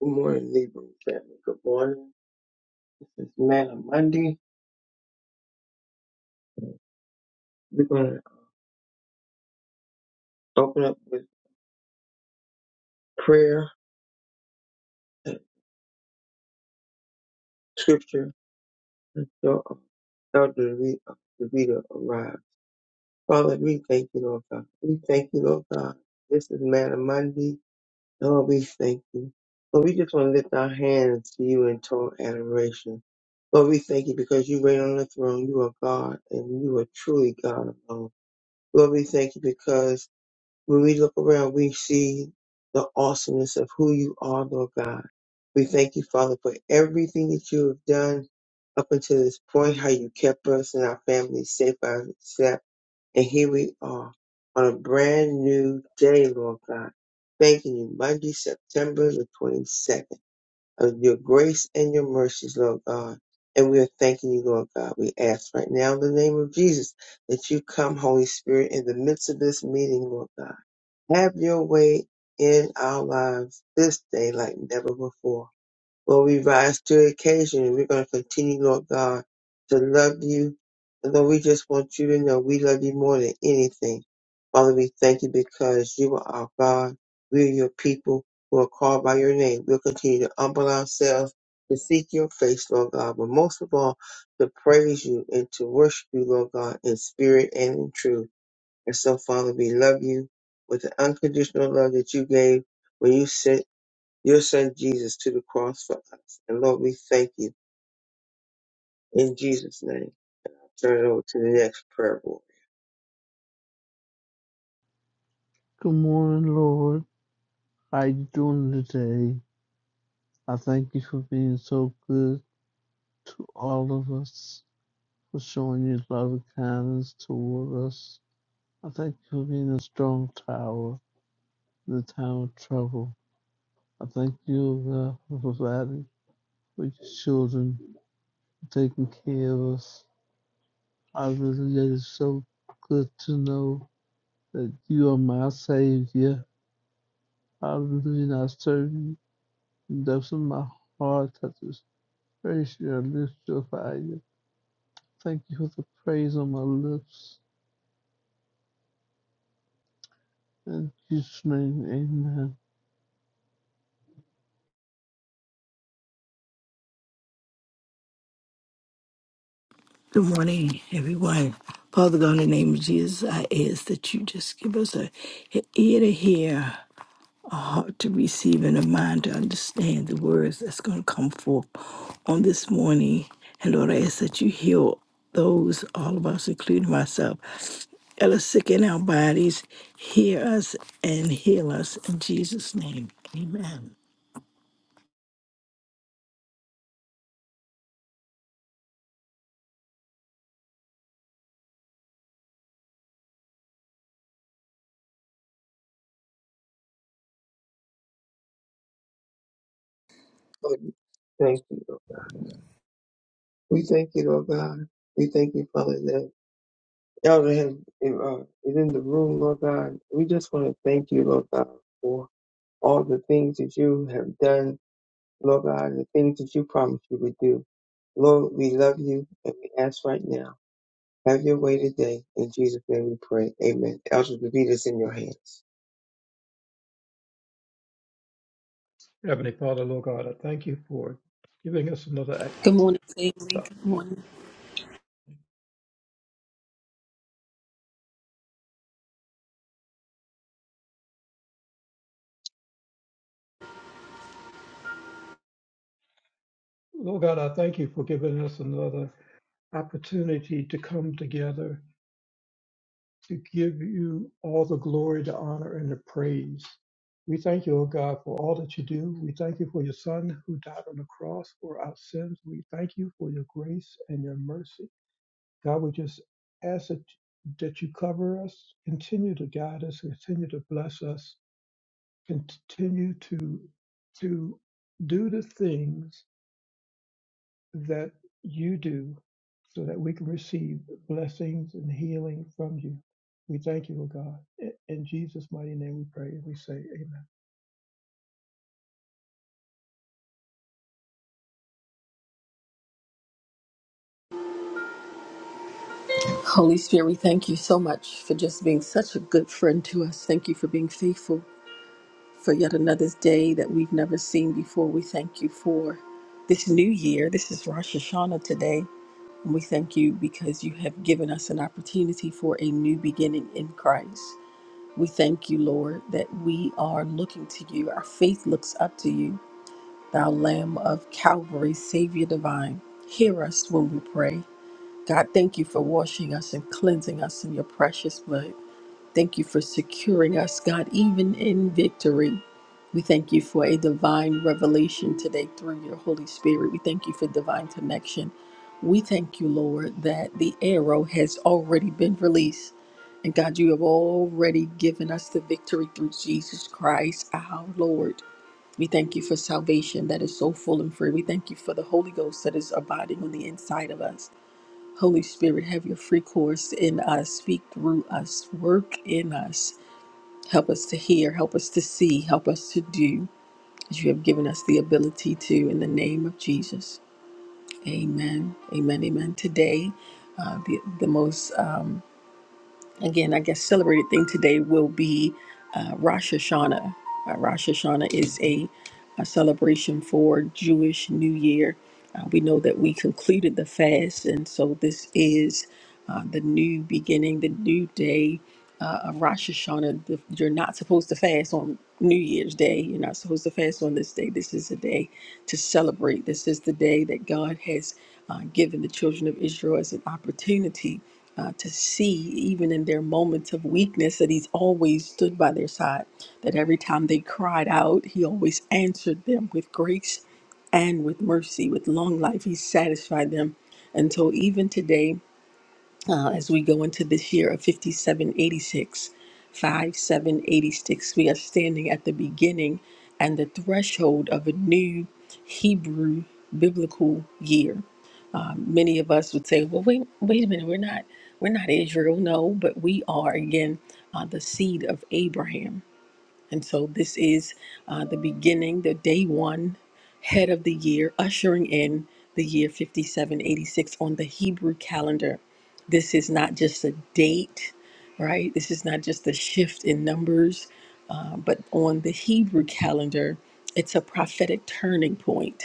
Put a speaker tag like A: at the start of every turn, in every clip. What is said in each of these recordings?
A: Good morning, Libra family. Good morning. This is Manna Monday. We're going to open up with prayer and scripture until um, Elder Davida Davida arrives. Father, we thank you, Lord God. We thank you, Lord God. This is Manna Monday. Lord, we thank you. Lord, we just want to lift our hands to you in total adoration. Lord, we thank you because you reign on the throne. You are God and you are truly God alone. Lord, we thank you because When we look around, we see the awesomeness of who you are, Lord God. We thank you, Father, for everything that you have done up until this point, how you kept us and our families safe by step. And here we are on a brand new day, Lord God. Thanking you, Monday, September the 22nd, of your grace and your mercies, Lord God. And we are thanking you, Lord God. We ask right now in the name of Jesus that you come, Holy Spirit, in the midst of this meeting, Lord God have your way in our lives this day like never before. Lord, we rise to the occasion and we're going to continue, Lord God, to love you. And Lord, we just want you to know we love you more than anything. Father, we thank you because you are our God. We are your people who are called by your name. We'll continue to humble ourselves, to seek your face, Lord God, but most of all, to praise you and to worship you, Lord God, in spirit and in truth. And so, Father, we love you with the unconditional love that you gave when you sent your son Jesus to the cross for us. And Lord, we thank you in Jesus' name. Turn it over to the next prayer board.
B: Good morning, Lord. How you doing today? I thank you for being so good to all of us, for showing your love and kindness toward us. I thank you for being a strong tower in the time of trouble. I thank you, God, for providing for your children, for taking care of us. I really it is so good to know that you are my Savior. I and I serve you. And that's in the depths of my heart. That is Praise your lips of fire. Thank you for the praise on my lips. In Jesus' name, amen.
C: Good morning, everyone. Father God, in the name of Jesus, I ask that you just give us a an ear to hear, a heart to receive, and a mind to understand the words that's going to come forth on this morning. And Lord, I ask that you heal those, all of us, including myself, that are sick in our bodies. Hear us and heal us in Jesus' name. Amen.
A: Lord, we thank you. Lord. We thank you, Lord God. We thank you, Father, that Elder has, uh, is in the room, Lord God. We just want to thank you, Lord God, for all the things that you have done, Lord God, and the things that you promised you would do. Lord, we love you and we ask right now Have your way today. In Jesus' name we pray. Amen. Elder David is in your hands.
D: Heavenly Father, Lord God, I thank you for giving us another,
E: Good morning, family.
D: act-
E: Good morning.
D: Lord God, I thank you for giving us another opportunity to come together to give you all the glory, the honor, and the praise. We thank you, O God, for all that you do. We thank you for your Son who died on the cross for our sins. We thank you for your grace and your mercy. God, we just ask that, that you cover us, continue to guide us, continue to bless us, continue to to do the things that you do so that we can receive blessings and healing from you. We thank you, O God. In in Jesus' mighty name we pray and we say amen.
E: Holy Spirit, we thank you so much for just being such a good friend to us. Thank you for being faithful for yet another day that we've never seen before. We thank you for this new year. This is Rosh Hashanah today. And we thank you because you have given us an opportunity for a new beginning in Christ. We thank you, Lord, that we are looking to you. Our faith looks up to you, thou Lamb of Calvary, Savior divine. Hear us when we pray. God, thank you for washing us and cleansing us in your precious blood. Thank you for securing us, God, even in victory. We thank you for a divine revelation today through your Holy Spirit. We thank you for divine connection. We thank you, Lord, that the arrow has already been released. And God, you have already given us the victory through Jesus Christ, our Lord. We thank you for salvation that is so full and free. We thank you for the Holy Ghost that is abiding on the inside of us. Holy Spirit, have your free course in us, speak through us, work in us. Help us to hear, help us to see, help us to do as you have given us the ability to in the name of Jesus. Amen. Amen. Amen. Today, uh, the, the most. Um, again, I guess celebrated thing today will be uh, Rosh Hashanah. Uh, Rosh Hashanah is a, a celebration for Jewish New Year. Uh, we know that we concluded the fast, and so this is uh, the new beginning, the new day uh, of Rosh Hashanah. The- You're not supposed to fast on New Year's Day. You're not supposed to fast on this day. This is a day to celebrate. This is the day that God has uh, given the children of Israel as an opportunity uh, to see, even in their moments of weakness, that He's always stood by their side. That every time they cried out, He always answered them with grace and with mercy, with long life. He satisfied them. And so, even today, uh, as we go into this year of 5786, 5786, we are standing at the beginning and the threshold of a new Hebrew biblical year many of us would say, "Well, wait, wait a minute, we're not, we're not Israel, no, but we are again uh, the seed of Abraham." And so this is uh, the beginning, the day one, head of the year, ushering in the year 5786 on the Hebrew calendar. This is not just a date, right? This is not just a shift in numbers, uh, but on the Hebrew calendar, it's a prophetic turning point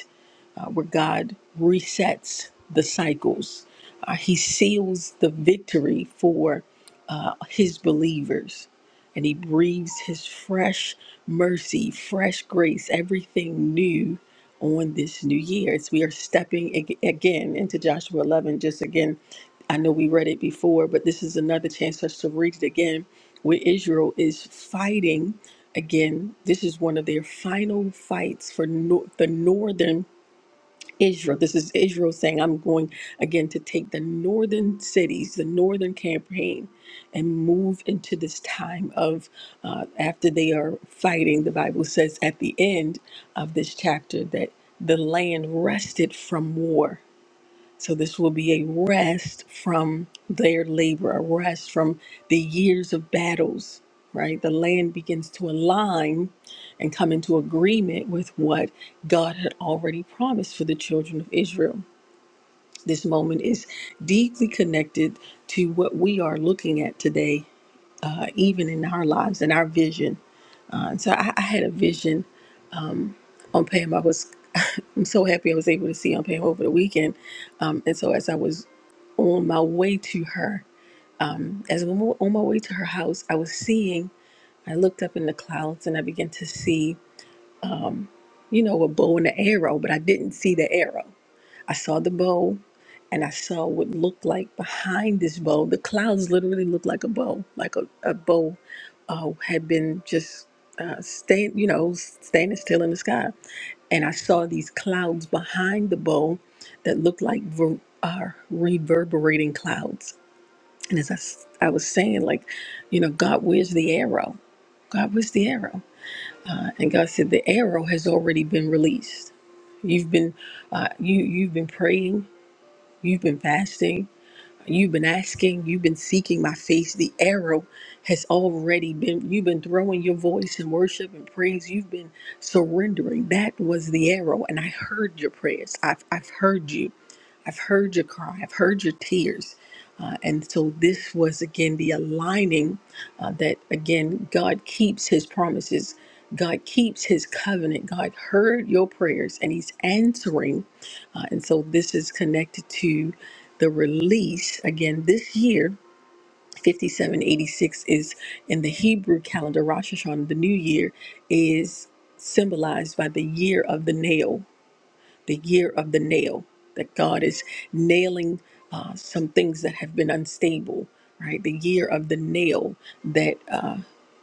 E: uh, where God resets the cycles. Uh, he seals the victory for uh, his believers. And he breathes his fresh mercy, fresh grace, everything new on this new year. As we are stepping ag- again into Joshua 11, just again, I know we read it before, but this is another chance for us to read it again, where Israel is fighting again. This is one of their final fights for no- the northern Israel. This is Israel saying, I'm going again to take the northern cities, the northern campaign, and move into this time of uh, after they are fighting. The Bible says at the end of this chapter that the land rested from war so this will be a rest from their labor, a rest from the years of battles, right? The land begins to align and come into agreement with what God had already promised for the children of Israel. This moment is deeply connected to what we are looking at today, uh, even in our lives and our vision. Uh, and so I, I had a vision on Pam. I was I'm so happy I was able to see on Pam over the weekend. Um, and so as I was on my way to her, As I'm on my way to her house, I was seeing, I looked up in the clouds and I began to see, you know, a bow and an arrow, but I didn't see the arrow. I saw the bow and I saw what looked like behind this bow. The clouds literally looked like a bow, like a, a bow uh, had been just uh, staying, you know, standing still in the sky and I saw these clouds behind the bow that looked like ver- uh, reverberating clouds. And as I, s- I was saying, like, you know, God, where's the arrow? God, where's the arrow? And God said, the arrow has already been released. You've been, uh, you you've been praying, you've been fasting, You've been asking, you've been seeking my face. The arrow has already been, you've been throwing your voice in worship and praise. You've been surrendering. That was the arrow. And I heard your prayers. I've, I've heard you. I've heard your cry. I've heard your tears. Uh, and so this was again the aligning uh, that again, God keeps his promises. God keeps his covenant. God heard your prayers and he's answering uh, and so this is connected to the release. Again, this year, 5786 is in the Hebrew calendar, Rosh Hashanah, the new year, is symbolized by the year of the nail the year of the nail, that God is nailing uh, some things that have been unstable, right? The year of the nail, that uh,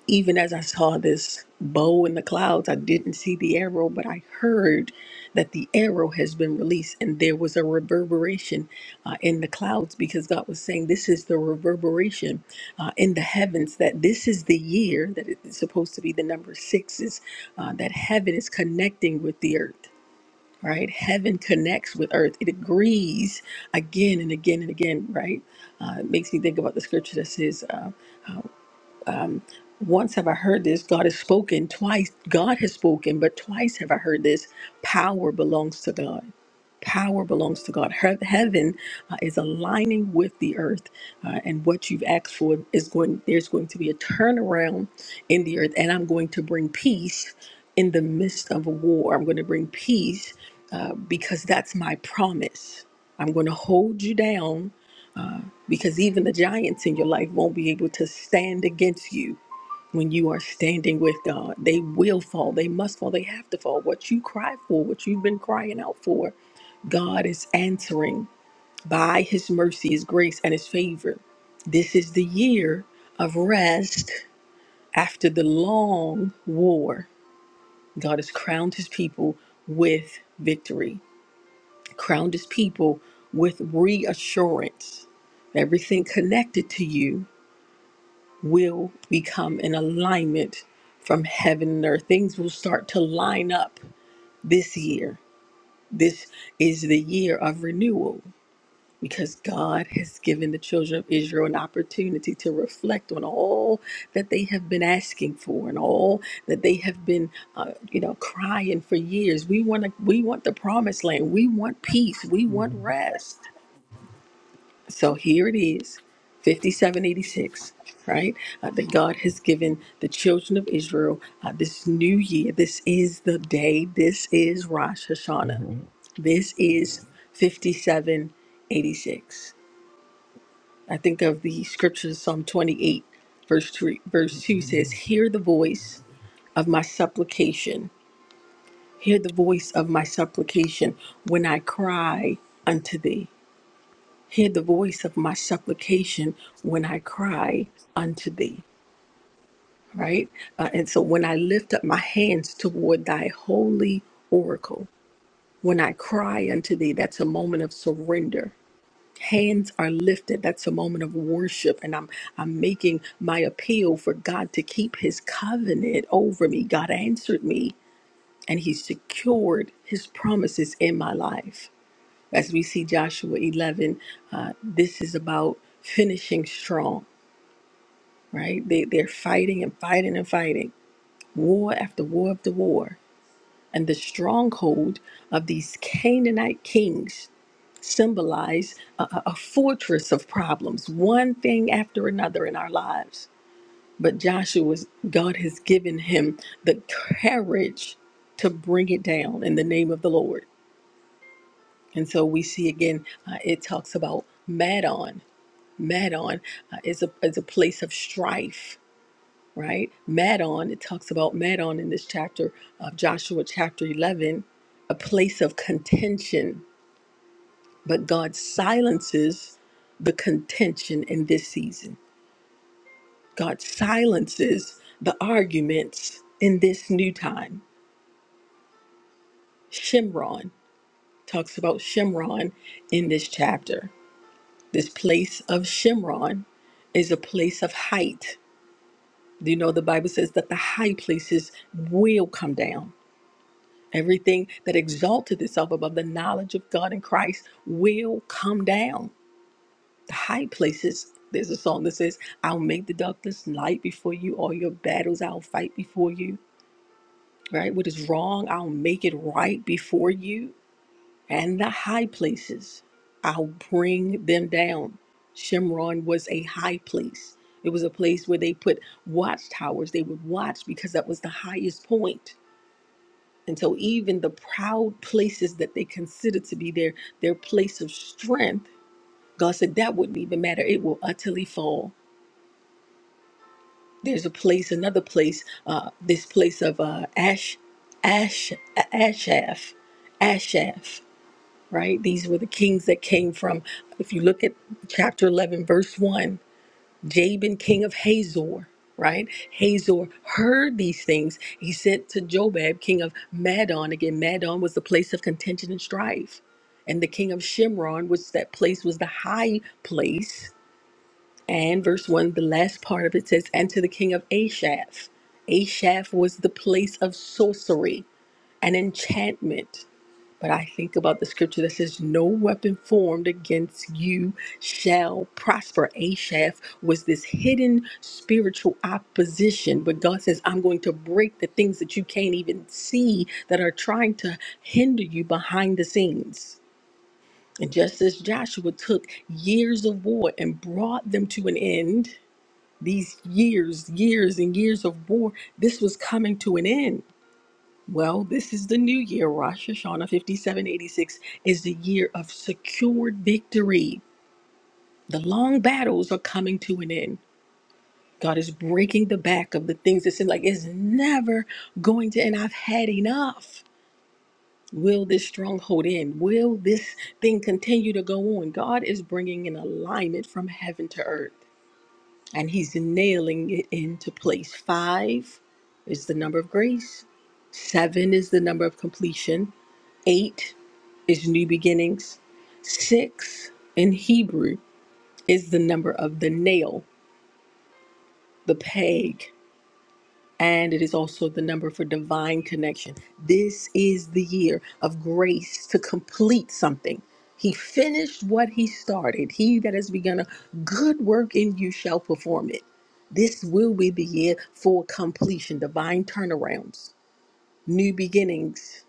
E: even as I saw this bow in the clouds, I didn't see the arrow, but I heard that the arrow has been released, and there was a reverberation uh, in the clouds because God was saying, This is the reverberation uh, in the heavens, that this is the year that it's supposed to be the number sixes, uh, that heaven is connecting with the earth right? Heaven connects with earth. It agrees again and again and again, right? Uh, it makes me think about the scripture that says, uh, once have I heard this, God has spoken twice. God has spoken, but twice have I heard this. Power belongs to God. Power belongs to God. He- Heaven uh, is aligning with the earth, uh, and what you've asked for is going. There's going to be a turnaround in the earth, and I'm going to bring peace in the midst of a war. I'm going to bring peace uh, because that's my promise. I'm going to hold you down because even the giants in your life won't be able to stand against you when you are standing with God. They will fall. They must fall. They have to fall. What you cry for, what you've been crying out for, God is answering by his mercy, his grace, and his favor. This is the year of rest after the long war. God has crowned his people with victory, crowned his people with reassurance. Everything connected to you will become an alignment from heaven and earth. Things will start to line up this year. This is the year of renewal because God has given the children of Israel an opportunity to reflect on all that they have been asking for and all that they have been uh, you know crying for years. We want to we want the promised land. We want peace. We want
F: Mhm.
E: rest. So here it is, 5786, right? Uh, that God has given the children of Israel uh, this new year. This is the day. This is Rosh Hashanah.
F: Mhm.
E: This is 5786. I think of the scriptures, Psalm 28, verse 3, verse 2
F: Mhm.
E: says, Hear the voice of my supplication. Hear the voice of my supplication when I cry unto thee. Hear the voice of my supplication when I cry unto thee, right? Uh, and so when I lift up my hands toward thy holy oracle, when I cry unto thee, that's a moment of surrender. Hands are lifted. That's a moment of worship. And I'm I'm making my appeal for God to keep his covenant over me. God answered me and he secured his promises in my life as we see Joshua 11, uh, this is about finishing strong, right? They, they're fighting and fighting and fighting, war after war after war. And the stronghold of these Canaanite kings symbolize a, a a fortress of problems, one thing after another in our lives. But Joshua's God has given him the courage to bring it down in the name of the Lord. And so we see again, uh, it talks about Madon. Madon uh, is a is a place of strife, right? Madon, it talks about Madon in this chapter of Joshua chapter 11, a place of contention, but God silences the contention in this season. God silences the arguments in this new time. Shimron talks about Shimron in this chapter. This place of Shimron is a place of height You know, the Bible says that the high places will come down. Everything that exalted itself above the knowledge of God and Christ will come down. The high places, there's a song that says, I'll make the darkness light before you, all your battles I'll fight before you, right? What is wrong, I'll make it right before you and the high places. I'll bring them down. Shimron was a high place. It was a place where they put watchtowers. They would watch because that was the highest point. And so even the proud places that they considered to be their their place of strength, God said that wouldn't even matter. It will utterly fall. There's a place, another place, uh, this place of uh, Ash, Ash, Ashaf, Ashaf. right? These were the kings that came from, if you look at chapter 11, verse 1, Jabin, king of Hazor, right? Hazor heard these things. He sent to Jobab, king of Madon. Again, Madon was the place of contention and strife. And the king of Shimron, which that place was the high place. And verse 1, the last part of it says, and to the king of Ashaph. Ashaph was the place of sorcery and enchantment but I think about the scripture that says, No weapon formed against you shall prosper. Ashaph was this hidden spiritual opposition. But God says, I'm going to break the things that you can't even see that are trying to hinder you behind the scenes. And just as Joshua took years of war and brought them to an end, these years, years, and years of war, this was coming to an end. Well, this is the new year. Rosh Hashanah 5786 is the year of secured victory. The long battles are coming to an end. God is breaking the back of the things that seem like it's never going to end. I've had enough. Will this stronghold end? Will this thing continue to go on? God is bringing an alignment from heaven to earth and He's nailing it into place. Five is the number of grace, seven is the number of completion, Eight is new beginnings. Six in Hebrew is the number of the nail, the peg, and it is also the number for divine connection. This is the year of grace to complete something. He finished what he started. He that has begun a good work in you shall perform it. This will be the year for completion, divine turnarounds, new beginnings.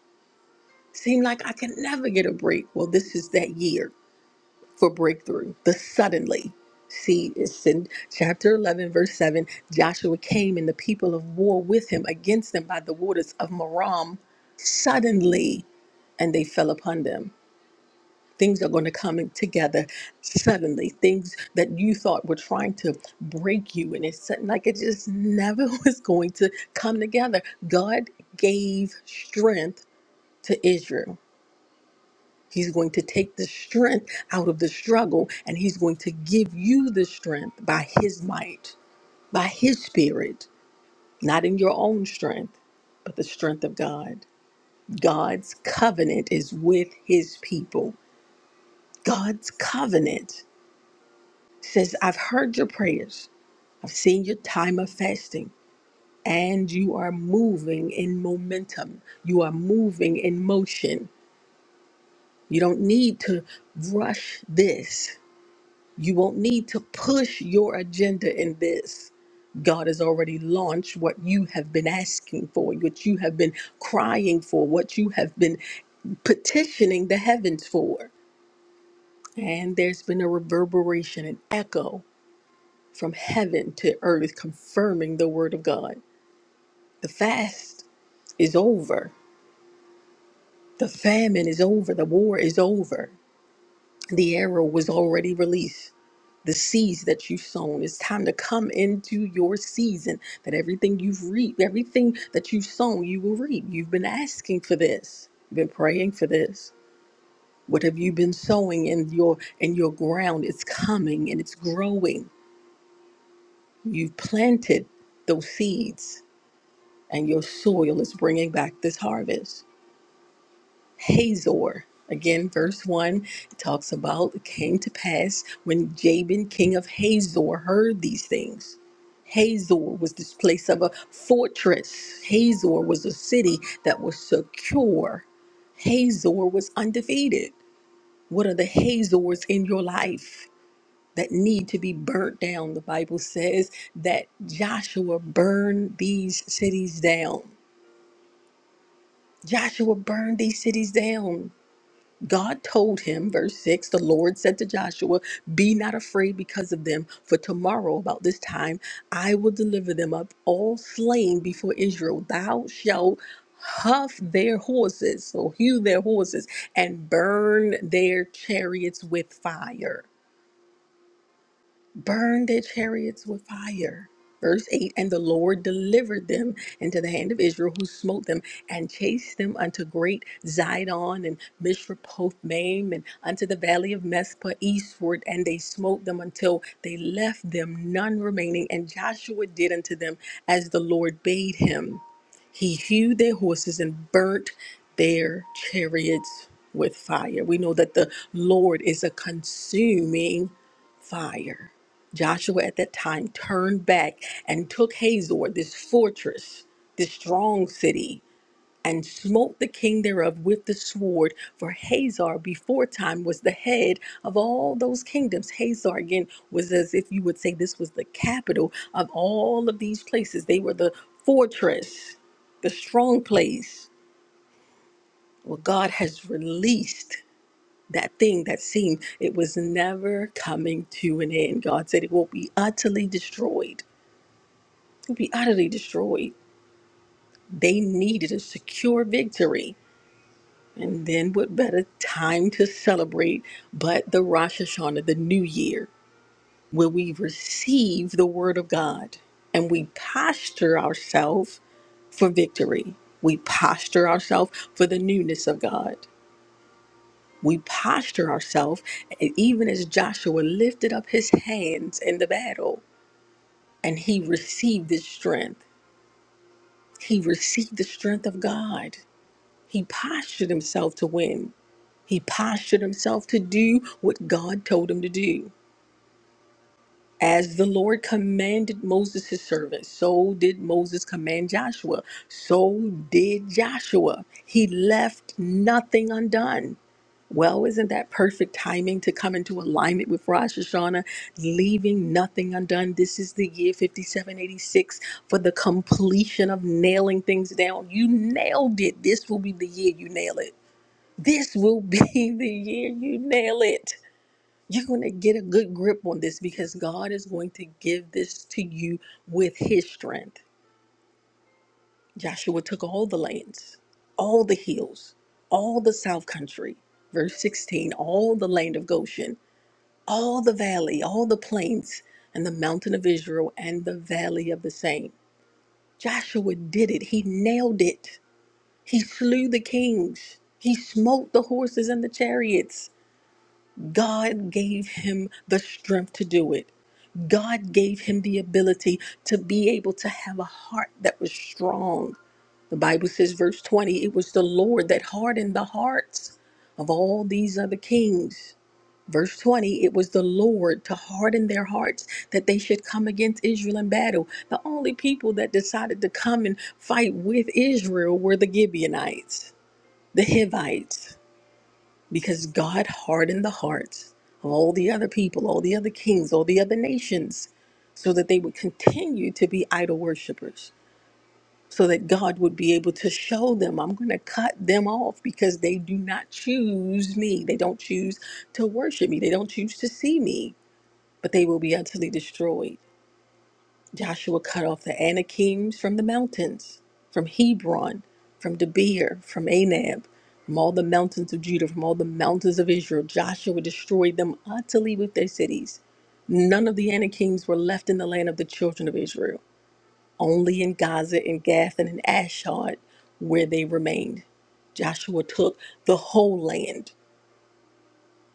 E: Seem like I can never get a break. Well, this is that year. for breakthrough. The suddenly. See, it's in chapter 11, verse 7. Joshua came and the people of war with him against them by the waters of Merom suddenly, and they fell upon them. Things are going to come together suddenly. Things that you thought were trying to break you, and it's sudden- like it just never was going to come together. God gave strength to Israel. He's going to take the strength out of the struggle and he's going to give you the strength by his might, by his spirit, not in your own strength, but the strength of God. God's covenant is with his people. God's covenant says, I've heard your prayers, I've seen your time of fasting. And you are moving in momentum. You are moving in motion. You don't need to rush this. You won't need to push your agenda in this. God has already launched what you have been asking for, what you have been crying for, what you have been petitioning the heavens for. And there's been a reverberation, an echo from heaven to earth confirming the word of God. The fast is over, the famine is over, the war is over. The arrow was already released. the seeds that you've sown. It's time to come into your season that everything you've reaped, everything that you've sown, you will reap. You've been asking for this. You've been praying for this. What have you been sowing in your in your ground? It's coming and it's growing. You've planted those seeds and your soil is bringing back this harvest. Hazor, again, verse 1, it talks about it came to pass when Jabin, king of Hazor, heard these things Hazor was this place of a fortress. Hazor was a city that was secure. Hazor was undefeated. What are the Hazors in your life that need to be burnt down? The Bible says that Joshua burned these cities down. Joshua burned these cities down. God told him, verse 6, the Lord said to Joshua, Be not afraid because of them, for tomorrow about this time I will deliver them up, all slain before Israel. Thou shalt huff their horses, so hew their horses, and burn their chariots with fire burned their chariots with fire. Verse 8 And the Lord delivered them into the hand of Israel, who smote them and chased them unto great Zidon and Mishrepothmaim and unto the valley of Mespah eastward. And they smote them until they left them none remaining. And Joshua did unto them as the Lord bade him. He hewed their horses and burnt their chariots with fire. We know that the Lord is a consuming fire. Joshua at that time turned back and took Hazor, this fortress, this strong city, and smote the king thereof with the sword. For Hazor before time was the head of all those kingdoms. Hazor again was as if you would say this was the capital of all of these places. They were the fortress, the strong place. Well, God has released that thing that seemed it was never coming to an end. God said it will be utterly destroyed. It will be utterly destroyed. They needed a secure victory. And then what better time to celebrate but the Rosh Hashanah, the new year, where we receive the word of God and we posture ourselves for victory. We posture ourselves for the newness of God. we posture ourselves, even as Joshua lifted up his hands in the battle and he received his strength, he received the strength of God. He postured himself to win, he postured himself to do what God told him to do. As the Lord commanded Moses, his servant, so did Moses command Joshua. So did Joshua. He left nothing undone. Well, isn't that perfect timing to come into alignment with Rosh Hashanah, leaving nothing undone? This is the year 5786 for the completion of nailing things down. You nailed it. This will be the year you nail it. This will be the year you nail it. You're going to get a good grip on this because God is going to give this to you with his strength. Joshua took all the lands, all the hills, all the south country, verse 16, all the land of Goshen all the valley, all the plains, and the mountain of Israel and the valley of the same. Joshua did it. He nailed it. He slew the kings. He smote the horses and the chariots. God gave him the strength to do it. God gave him the ability to be able to have a heart that was strong. The Bible says, verse 20, it was the Lord that hardened the hearts of all these other kings Verse 20, it was the Lord to harden their hearts that they should come against Israel in battle. The only people that decided to come and fight with Israel were the Gibeonites, the Hivites, because God hardened the hearts of all the other people, all the other kings, all the other nations, so that they would continue to be idol worshippers, so that God would be able to show them, I'm going to cut them off because they do not choose me. They don't choose to worship me, they don't choose to see me but they will be utterly destroyed. Joshua cut off the Anakims from the mountains, from Hebron, from Debir, from Anab, from all the mountains of Judah, from all the mountains of Israel. Joshua destroyed them utterly with their cities. None of the Anakims were left in the land of the children of Israel, only in Gaza, in Gath, and in Ashod, where they remained. Joshua took the whole land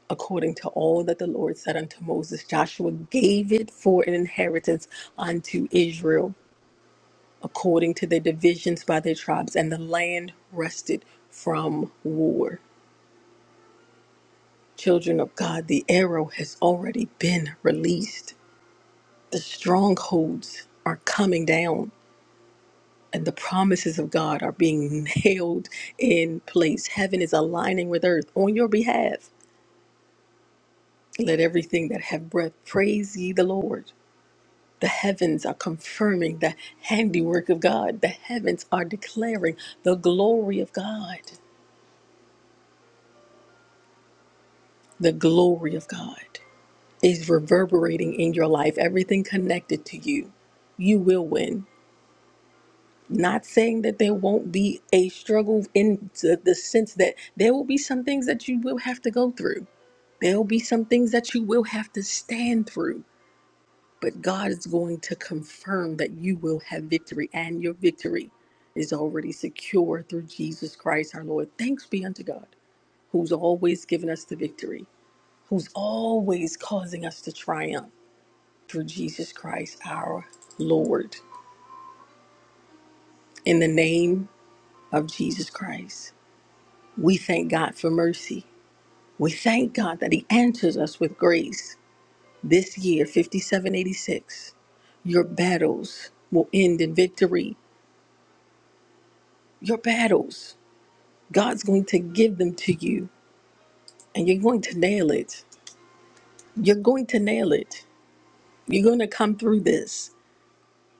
E: according to all that the Lord said unto Moses. Joshua gave it for an inheritance unto Israel, according to their divisions by their tribes, and the land rested from war. Children of God, the arrow has already been released. The strongholds are coming down, and the promises of God are being nailed in place. Heaven is aligning with earth on your behalf. Let everything that have breath praise ye the Lord. The heavens are confirming the handiwork of God. The heavens are declaring the glory of God. The glory of God is reverberating in your life, everything connected to you. You will win. Not saying that there won't be a struggle in the, the sense that there will be some things that you will have to go through. There will be some things that you will have to stand through But God is going to confirm that you will have victory, and your victory is already secure through Jesus Christ our Lord. Thanks be unto God, who's always given us the victory, who's always causing us to triumph through Jesus Christ our Lord. In the name of Jesus Christ, we thank God for mercy. We thank God that He answers us with grace. This year, 5786, your battles will end in victory. Your battles God's going to give them to you and you're going to nail it. You're going to nail it. You're going to come through this.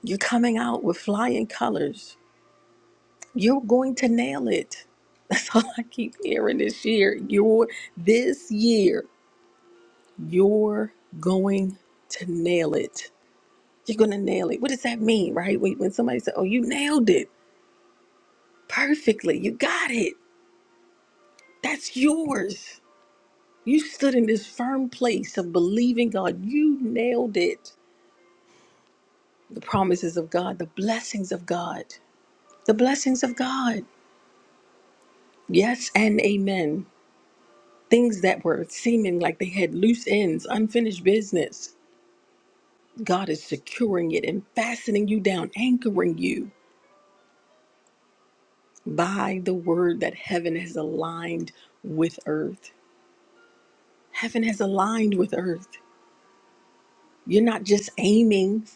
E: You're coming out with flying colors. You're going to nail it. That's all I keep hearing this year. You're this year, you're going to nail it. You're going to nail it. What does that mean, right? When, when somebody says, Oh, you nailed it perfectly, you got it. That's yours. You stood in this firm place of believing God. You nailed it the promises of God, the blessings of God, the blessings of God. Yes and amen. Things that were seeming like they had loose ends, unfinished business. God is securing it and fastening you down, anchoring you by the word that heaven has aligned with earth. Heaven has aligned with earth. You're not just aiming,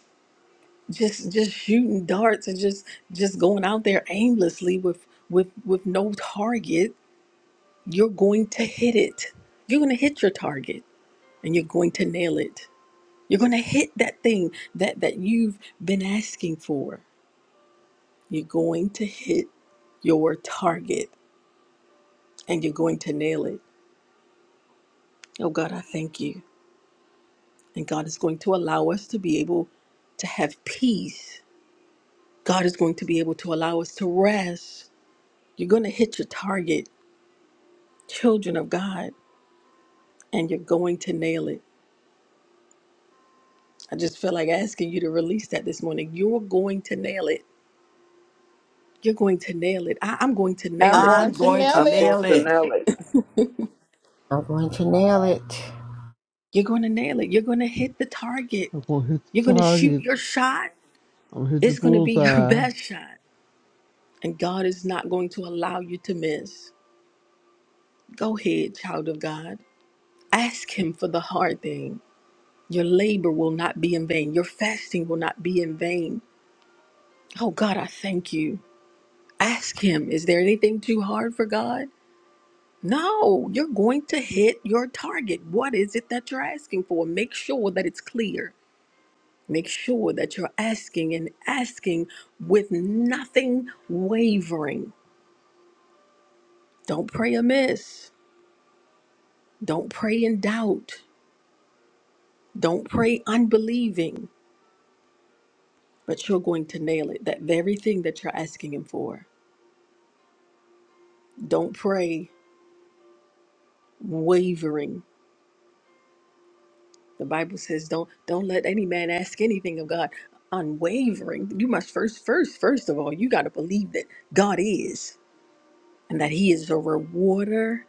E: just just shooting darts and just just going out there aimlessly with with with no target you're going to hit it. You're going to hit your target and you're going to nail it. You're going to hit that thing that, that you've been asking for. You're going to hit your target and you're going to nail it. Oh God, I thank you. And God is going to allow us to be able to have peace. God is going to be able to allow us to rest. You're going to hit your target, children of God, and you're going to nail it. I just feel like asking you to release that this morning. You're going to nail it You're going to nail it. I, I'm going to
G: I'm
E: nail it.
C: I'm
G: going to
C: going to
G: nail
H: I'm
G: it.
C: nail it.
H: Montanelli.
I: I'm going to nail it.
E: You're going to nail it. You're going to hit the target.
B: I'm going to hit
E: You're
B: the
E: going to shoot
B: target.
E: your shot.
B: I'm going to hit the
E: It's going to be your
B: bullseye.
E: best shot. And God is not going to allow you to miss. Go ahead, child of God. Ask Him for the hard thing. Your labor will not be in vain. Your fasting will not be in vain. Oh, God, I thank you. Ask Him, is there anything too hard for God? No, you're going to hit your target. What is it that you're asking for? Make sure that it's clear. Make sure that you're asking and asking with nothing wavering. Don't pray amiss. Don't pray in doubt. Don't pray unbelieving, but you're going to nail it. That very thing that you're asking him for. Don't pray wavering. The Bible says don't don't let any man ask anything of God unwavering. You must first first first of all, you got to believe that God is and that he is a rewarder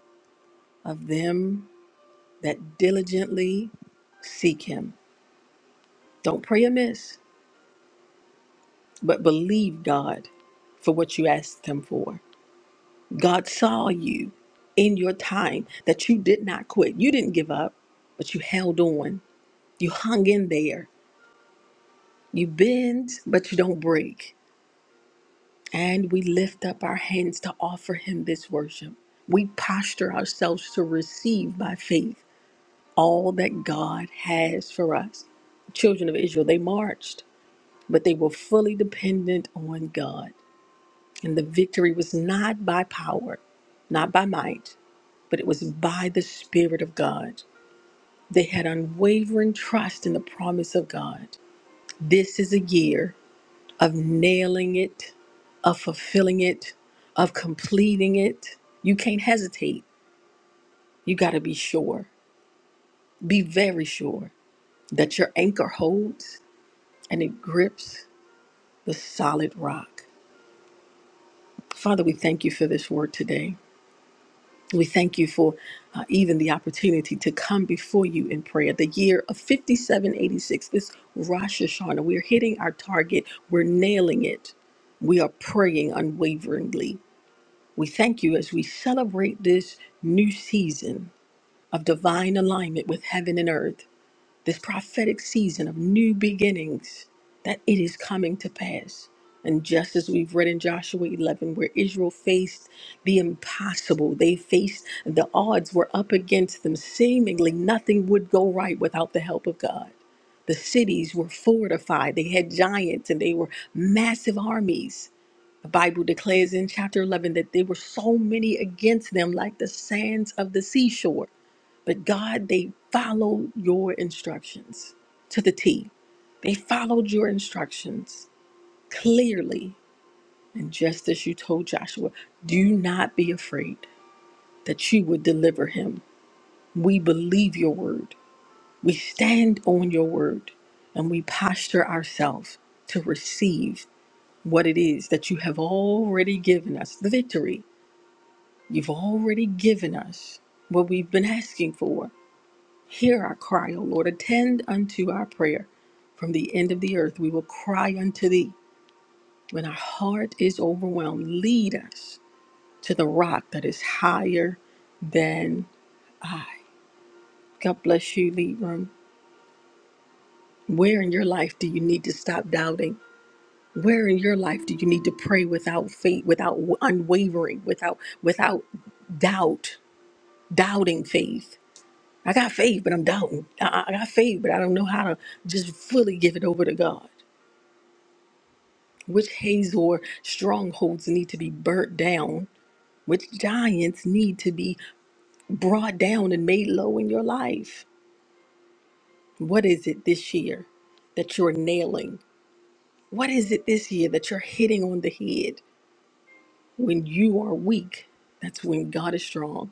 E: of them that diligently Seek Him. Don't pray amiss, but believe God for what you asked Him for. God saw you in your time that you did not quit. You didn't give up, but you held on. You hung in there. You bend, but you don't break. And we lift up our hands to offer Him this worship. We posture ourselves to receive by faith all that God has for us. Children of Israel, they marched, but they were fully dependent on God. And the victory was not by power, not by might, but it was by the Spirit of God. They had unwavering trust in the promise of God. This is a year of nailing it, of fulfilling it, of completing it. You can't hesitate. You got to be sure. Be very sure that your anchor holds and it grips the solid rock. Father, we thank you for this word today. We thank you for uh, even the opportunity to come before you in prayer. The year of 5786, this Rosh Hashanah, we're hitting our target, we're nailing it. We are praying unwaveringly. We thank you as we celebrate this new season of divine alignment with heaven and earth this prophetic season of new beginnings, that it is coming to pass. And just as we've read in Joshua 11, where Israel faced the impossible, they faced the odds were up against them. Seemingly nothing would go right without the help of God. The cities were fortified, they had giants and they were massive armies. The Bible declares in chapter 11 that there were so many against them, like the sands of the seashore. But God, they followed your instructions to the T. They followed your instructions clearly. And just as you told Joshua, do not be afraid that you would deliver him. We believe your word. We stand on your word and we posture ourselves to receive what it is that you have already given us the victory. You've already given us what we've been asking for. Hear our cry, O Lord. Attend unto our prayer. From the end of the earth, we will cry unto thee. When our heart is overwhelmed, lead us to the rock that is higher than. God bless you, Leon. Where in your life do you need to stop doubting? Where in your life do you need to pray without faith, without unwavering, without without doubt, doubting faith? I got faith, but I'm doubting. I I- I got faith, but I don't know how to just fully give it over to God. which Hazor strongholds need to be burnt down, which giants need to be brought down and made low in your life. What is it this year that you're nailing? What is it this year that you're hitting on the head? When you are weak, that's when God is strong.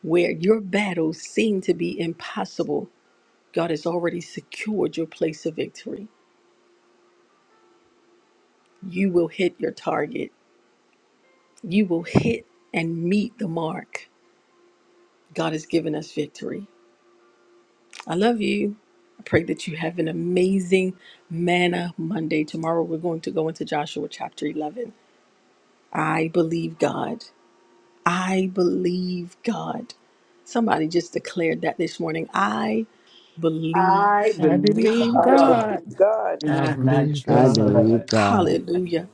E: Where your battles seem to be impossible, God has already secured your place of victory. You will hit your target. You will hit and meet the mark. God has given us victory. I love you. I pray that you have an amazing manna Monday. Tomorrow we're going to go into Joshua chapter 11. I believe God. I believe God. Somebody just declared that this morning. I
C: I
E: believe
G: I
C: believe
G: believe
E: God.
H: I
C: God.
G: God.
H: believe God.
B: I
C: And I
D: Lord
B: believe
D: God,
J: I
C: trust
B: God.
C: God.
J: believe God.
E: Hallelujah.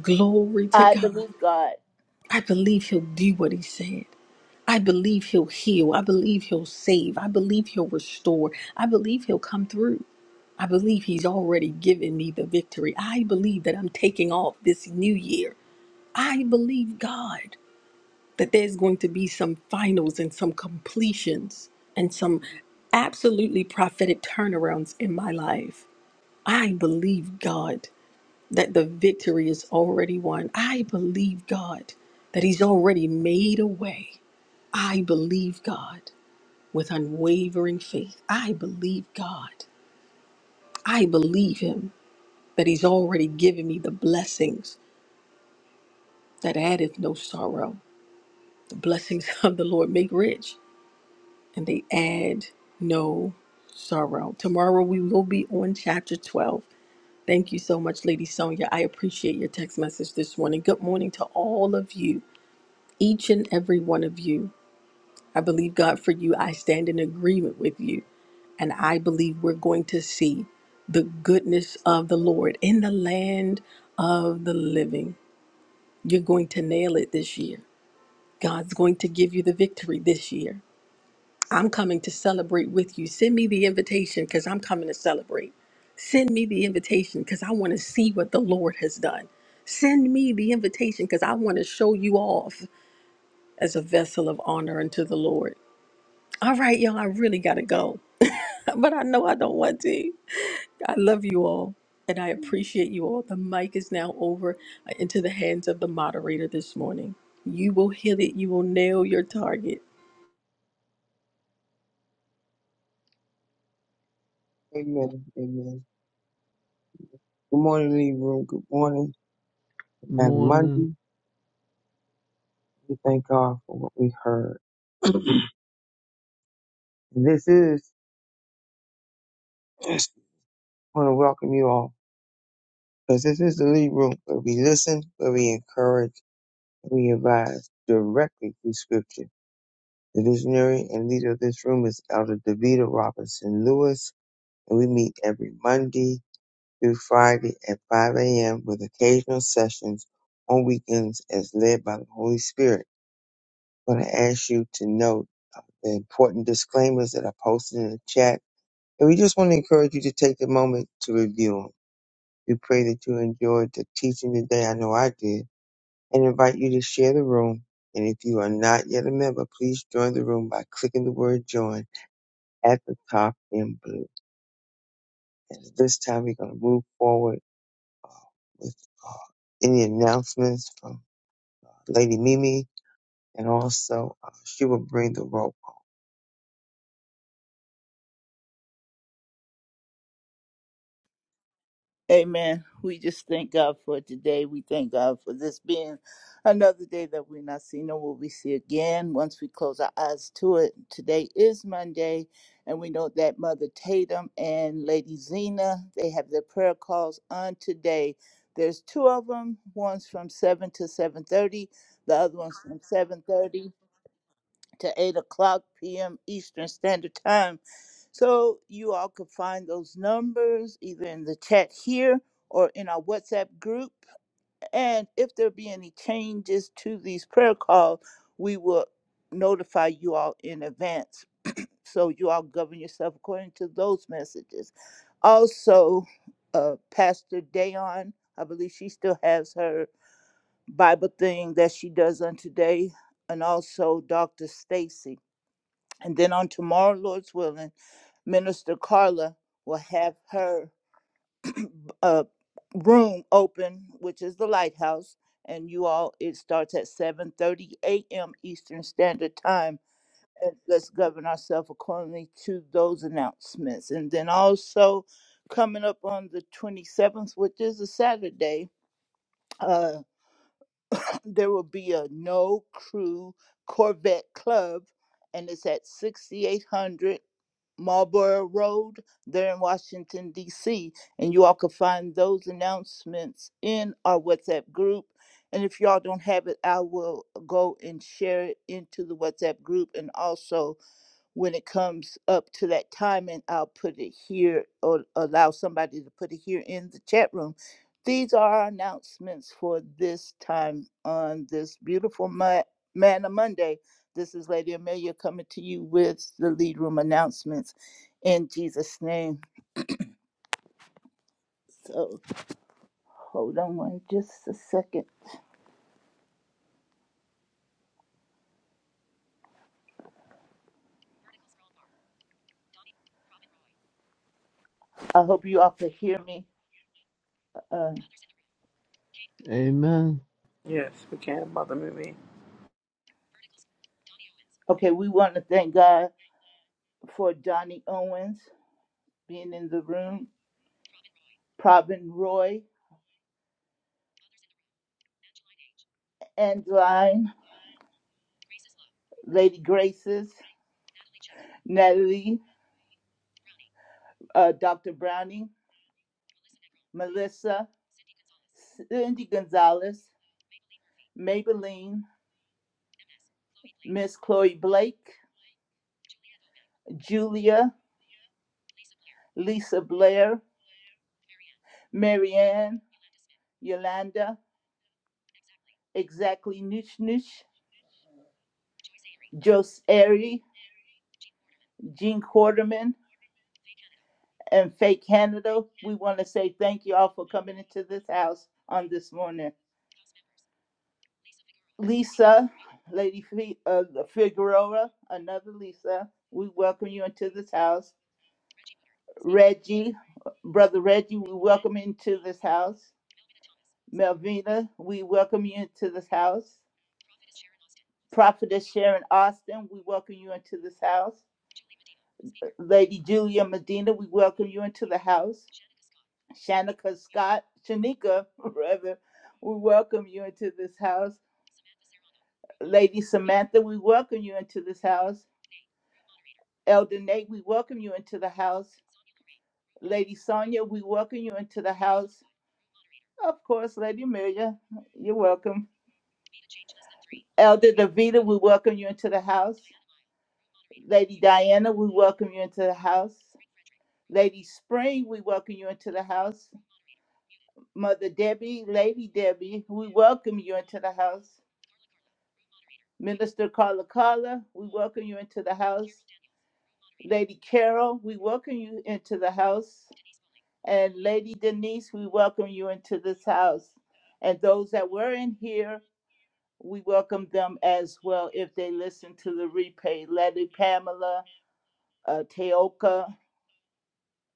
E: Glory to
K: I
E: God.
K: believe God.
E: I believe He'll do what He said. I believe He'll heal. I believe He'll save. I believe He'll restore. I believe He'll come through. I believe He's already given me the victory. I believe that I'm taking off this new year. I believe God that there's going to be some finals and some completions and some absolutely prophetic turnarounds in my life. I believe God that the victory is already won. I believe God that He's already made a way. I believe God with unwavering faith. I believe God. I believe Him. that he's already given me the blessings that addeth no sorrow. The blessings of the Lord make rich, and they add no sorrow. Tomorrow we will be on chapter 12. Thank you so much, Lady Sonia. I appreciate your text message this morning. Good morning to all of you, each and every one of you. I believe God for you. I stand in agreement with you. And I believe we're going to see the goodness of the Lord in the land of the living. You're going to nail it this year. God's going to give you the victory this year. I'm coming to celebrate with you. Send me the invitation because I'm coming to celebrate. Send me the invitation because I want to see what the Lord has done. Send me the invitation because I want to show you off as a vessel of honor unto the Lord. All right, y'all, I really got to go, but I know I don't want to. I love you all and I appreciate you all. The mic is now over uh, into the hands of the moderator this morning. You will hit it, you will nail your target.
A: Amen. Amen. Good morning, Lee Room. Good morning. Amen.
B: Morning.
A: Monday, we thank God for what we heard. this is, I want to welcome you all because this is the Lee Room where we listen, where we encourage, and we advise directly through Scripture. The visionary and leader of this room is Elder Davida Robinson Lewis, and we meet every Monday through Friday at 5 a.m. with occasional sessions on weekends as led by the Holy Spirit. I'm going to ask you to note the important disclaimers that are posted in the chat. And we just want to encourage you to take a moment to review them. We pray that you enjoyed the teaching today. I know I did. And invite you to share the room. And if you are not yet a member, please join the room by clicking the word join at the top in blue. And at this time, we're going to move forward with uh, any announcements from Lady Mimi, and also uh, she will bring the rope.
K: Amen. We just thank God for today. We thank God for this being another day that we're not seeing nor will we see again once we close our eyes to it. Today is Monday, and we know that Mother Tatum and Lady Zena, they have their prayer calls on today. There's two of them. One's from 7 to 7.30. The other one's from 7.30. to 8 o'clock p.m. Eastern Standard Time. So you all could find those numbers either in the chat here or in our WhatsApp group. And if there be any changes to these prayer calls, we will notify you all in advance. So you all govern yourself according to those messages. Also, uh, Pastor Dayon, I believe she still has her Bible thing that she does on today, and also Dr. Stacy. And then on tomorrow, Lord's willing, Minister Carla will have her uh, room open, which is the lighthouse. And you all, it starts at 7:30 a.m. Eastern Standard Time. And let's govern ourselves accordingly to those announcements. And then also coming up on the 27th, which is a Saturday. uh, there will be a no crew Corvette Club, and it's at 6800 Marlborough Road there in Washington, D.C. And you all can find those announcements in our WhatsApp group. And if y'all don't have it, I will go and share it into the WhatsApp group and also when it comes up to that time and I'll put it here or allow somebody to put it here in the chat room. These are our announcements for this time on this beautiful Mo- Manna Monday. This is Lady Amelia coming to you with the lead room announcements in Jesus' name. So hold on one just a second. I hope you all can hear me. Uh,
B: Amen.
H: Yes, we can, Mother Mimi.
K: okay, we want to thank God for Donnie Owens being in the room, Provin Roy. Angeline, Lady Graces, Natalie, uh, Dr. Browning, Melissa, Cindy Gonzalez, Maybelline, Miss Chloe Blake, Julia, Lisa Blair, Marianne, Yolanda, Exactly Nooch Nooch, Jose Airy, Jean Quarterman, and Faye Canada. We want to say thank you all for coming into this house on this morning. Lisa, Lady Fi- uh, Figueroa, another Lisa, we welcome you into this house. Reggie, Brother Reggie, we welcome you into this house. Melvina, we welcome you into this house. Prophetess Sharon Austin, we welcome you into this house. Lady Julia Medina, we welcome you into the house. Shanika Scott, Shanika, rather, we welcome you into this house. Lady Samantha, we welcome you into this house. Elder Nate, we welcome you into the house. Lady Sonia, we welcome you into the house. Of course, Lady Amelia, you're welcome. Elder Davita, we welcome you into the house. Lady Diana, we welcome you into the house. Lady Spring, we welcome you into the house. Mother Debbie, Lady Debbie, we welcome you into the house. Minister Carla Carla, we welcome you into the house. Lady Carol, we welcome you into the house. And Lady Denise, we welcome you into this house. And those that were in here, we welcome them as well if they listen to the replay. Lady Pamela, uh, Teoka,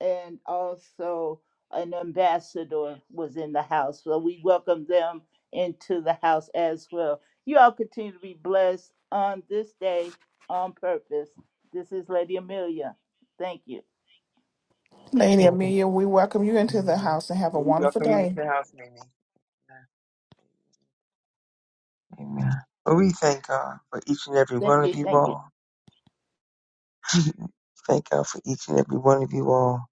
K: and also an ambassador was in the house. So we welcome them into the house as well. You all continue to be blessed on this day on purpose. This is Lady Amelia. Thank you.
G: Lady
D: welcome.
G: Amelia, we welcome you into the
D: Hallelujah.
G: house and have a
A: We
G: wonderful
A: welcome you to
G: day.
A: the house, Mimi. Amen. But we thank God for each and every one
K: Thank
A: of
K: you.
A: you
K: Thank you.
A: all. Thank God for each and every one of you all.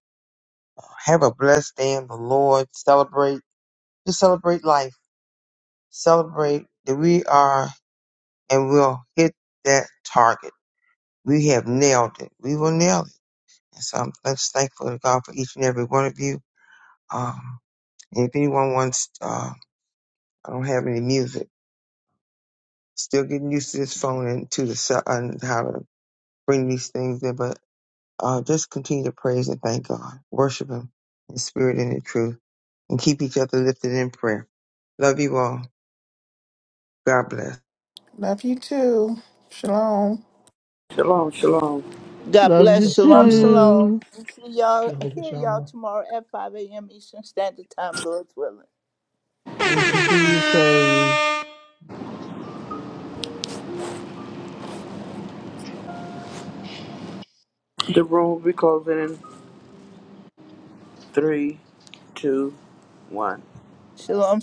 A: Uh, Have a blessed day in the Lord. Celebrate. Just celebrate life. Celebrate that we are and we'll hit that target. We have nailed it. We will nail it. And so I'm just thankful to God for each and every one of you. Um, and if anyone wants, uh, I don't have any music. Still getting used to this phone and to the cell and how to bring these things in, but uh, just continue to praise and thank God, worship Him in spirit and in truth, and keep each other lifted in prayer. Love you all. God bless.
G: Love you too. Shalom.
H: Shalom, shalom.
K: God
B: Love you
K: bless. Shalom,
D: Shalom,
K: shalom.
B: too.
K: See y'all,
D: Jehovah
K: hear y'all
D: Shammah.
K: tomorrow at 5 a.m. Eastern Standard Time, Lord's willing.
B: Thank you for
D: Amen.
B: your service.
H: The room will be closing in three, two, one.
K: Shalom.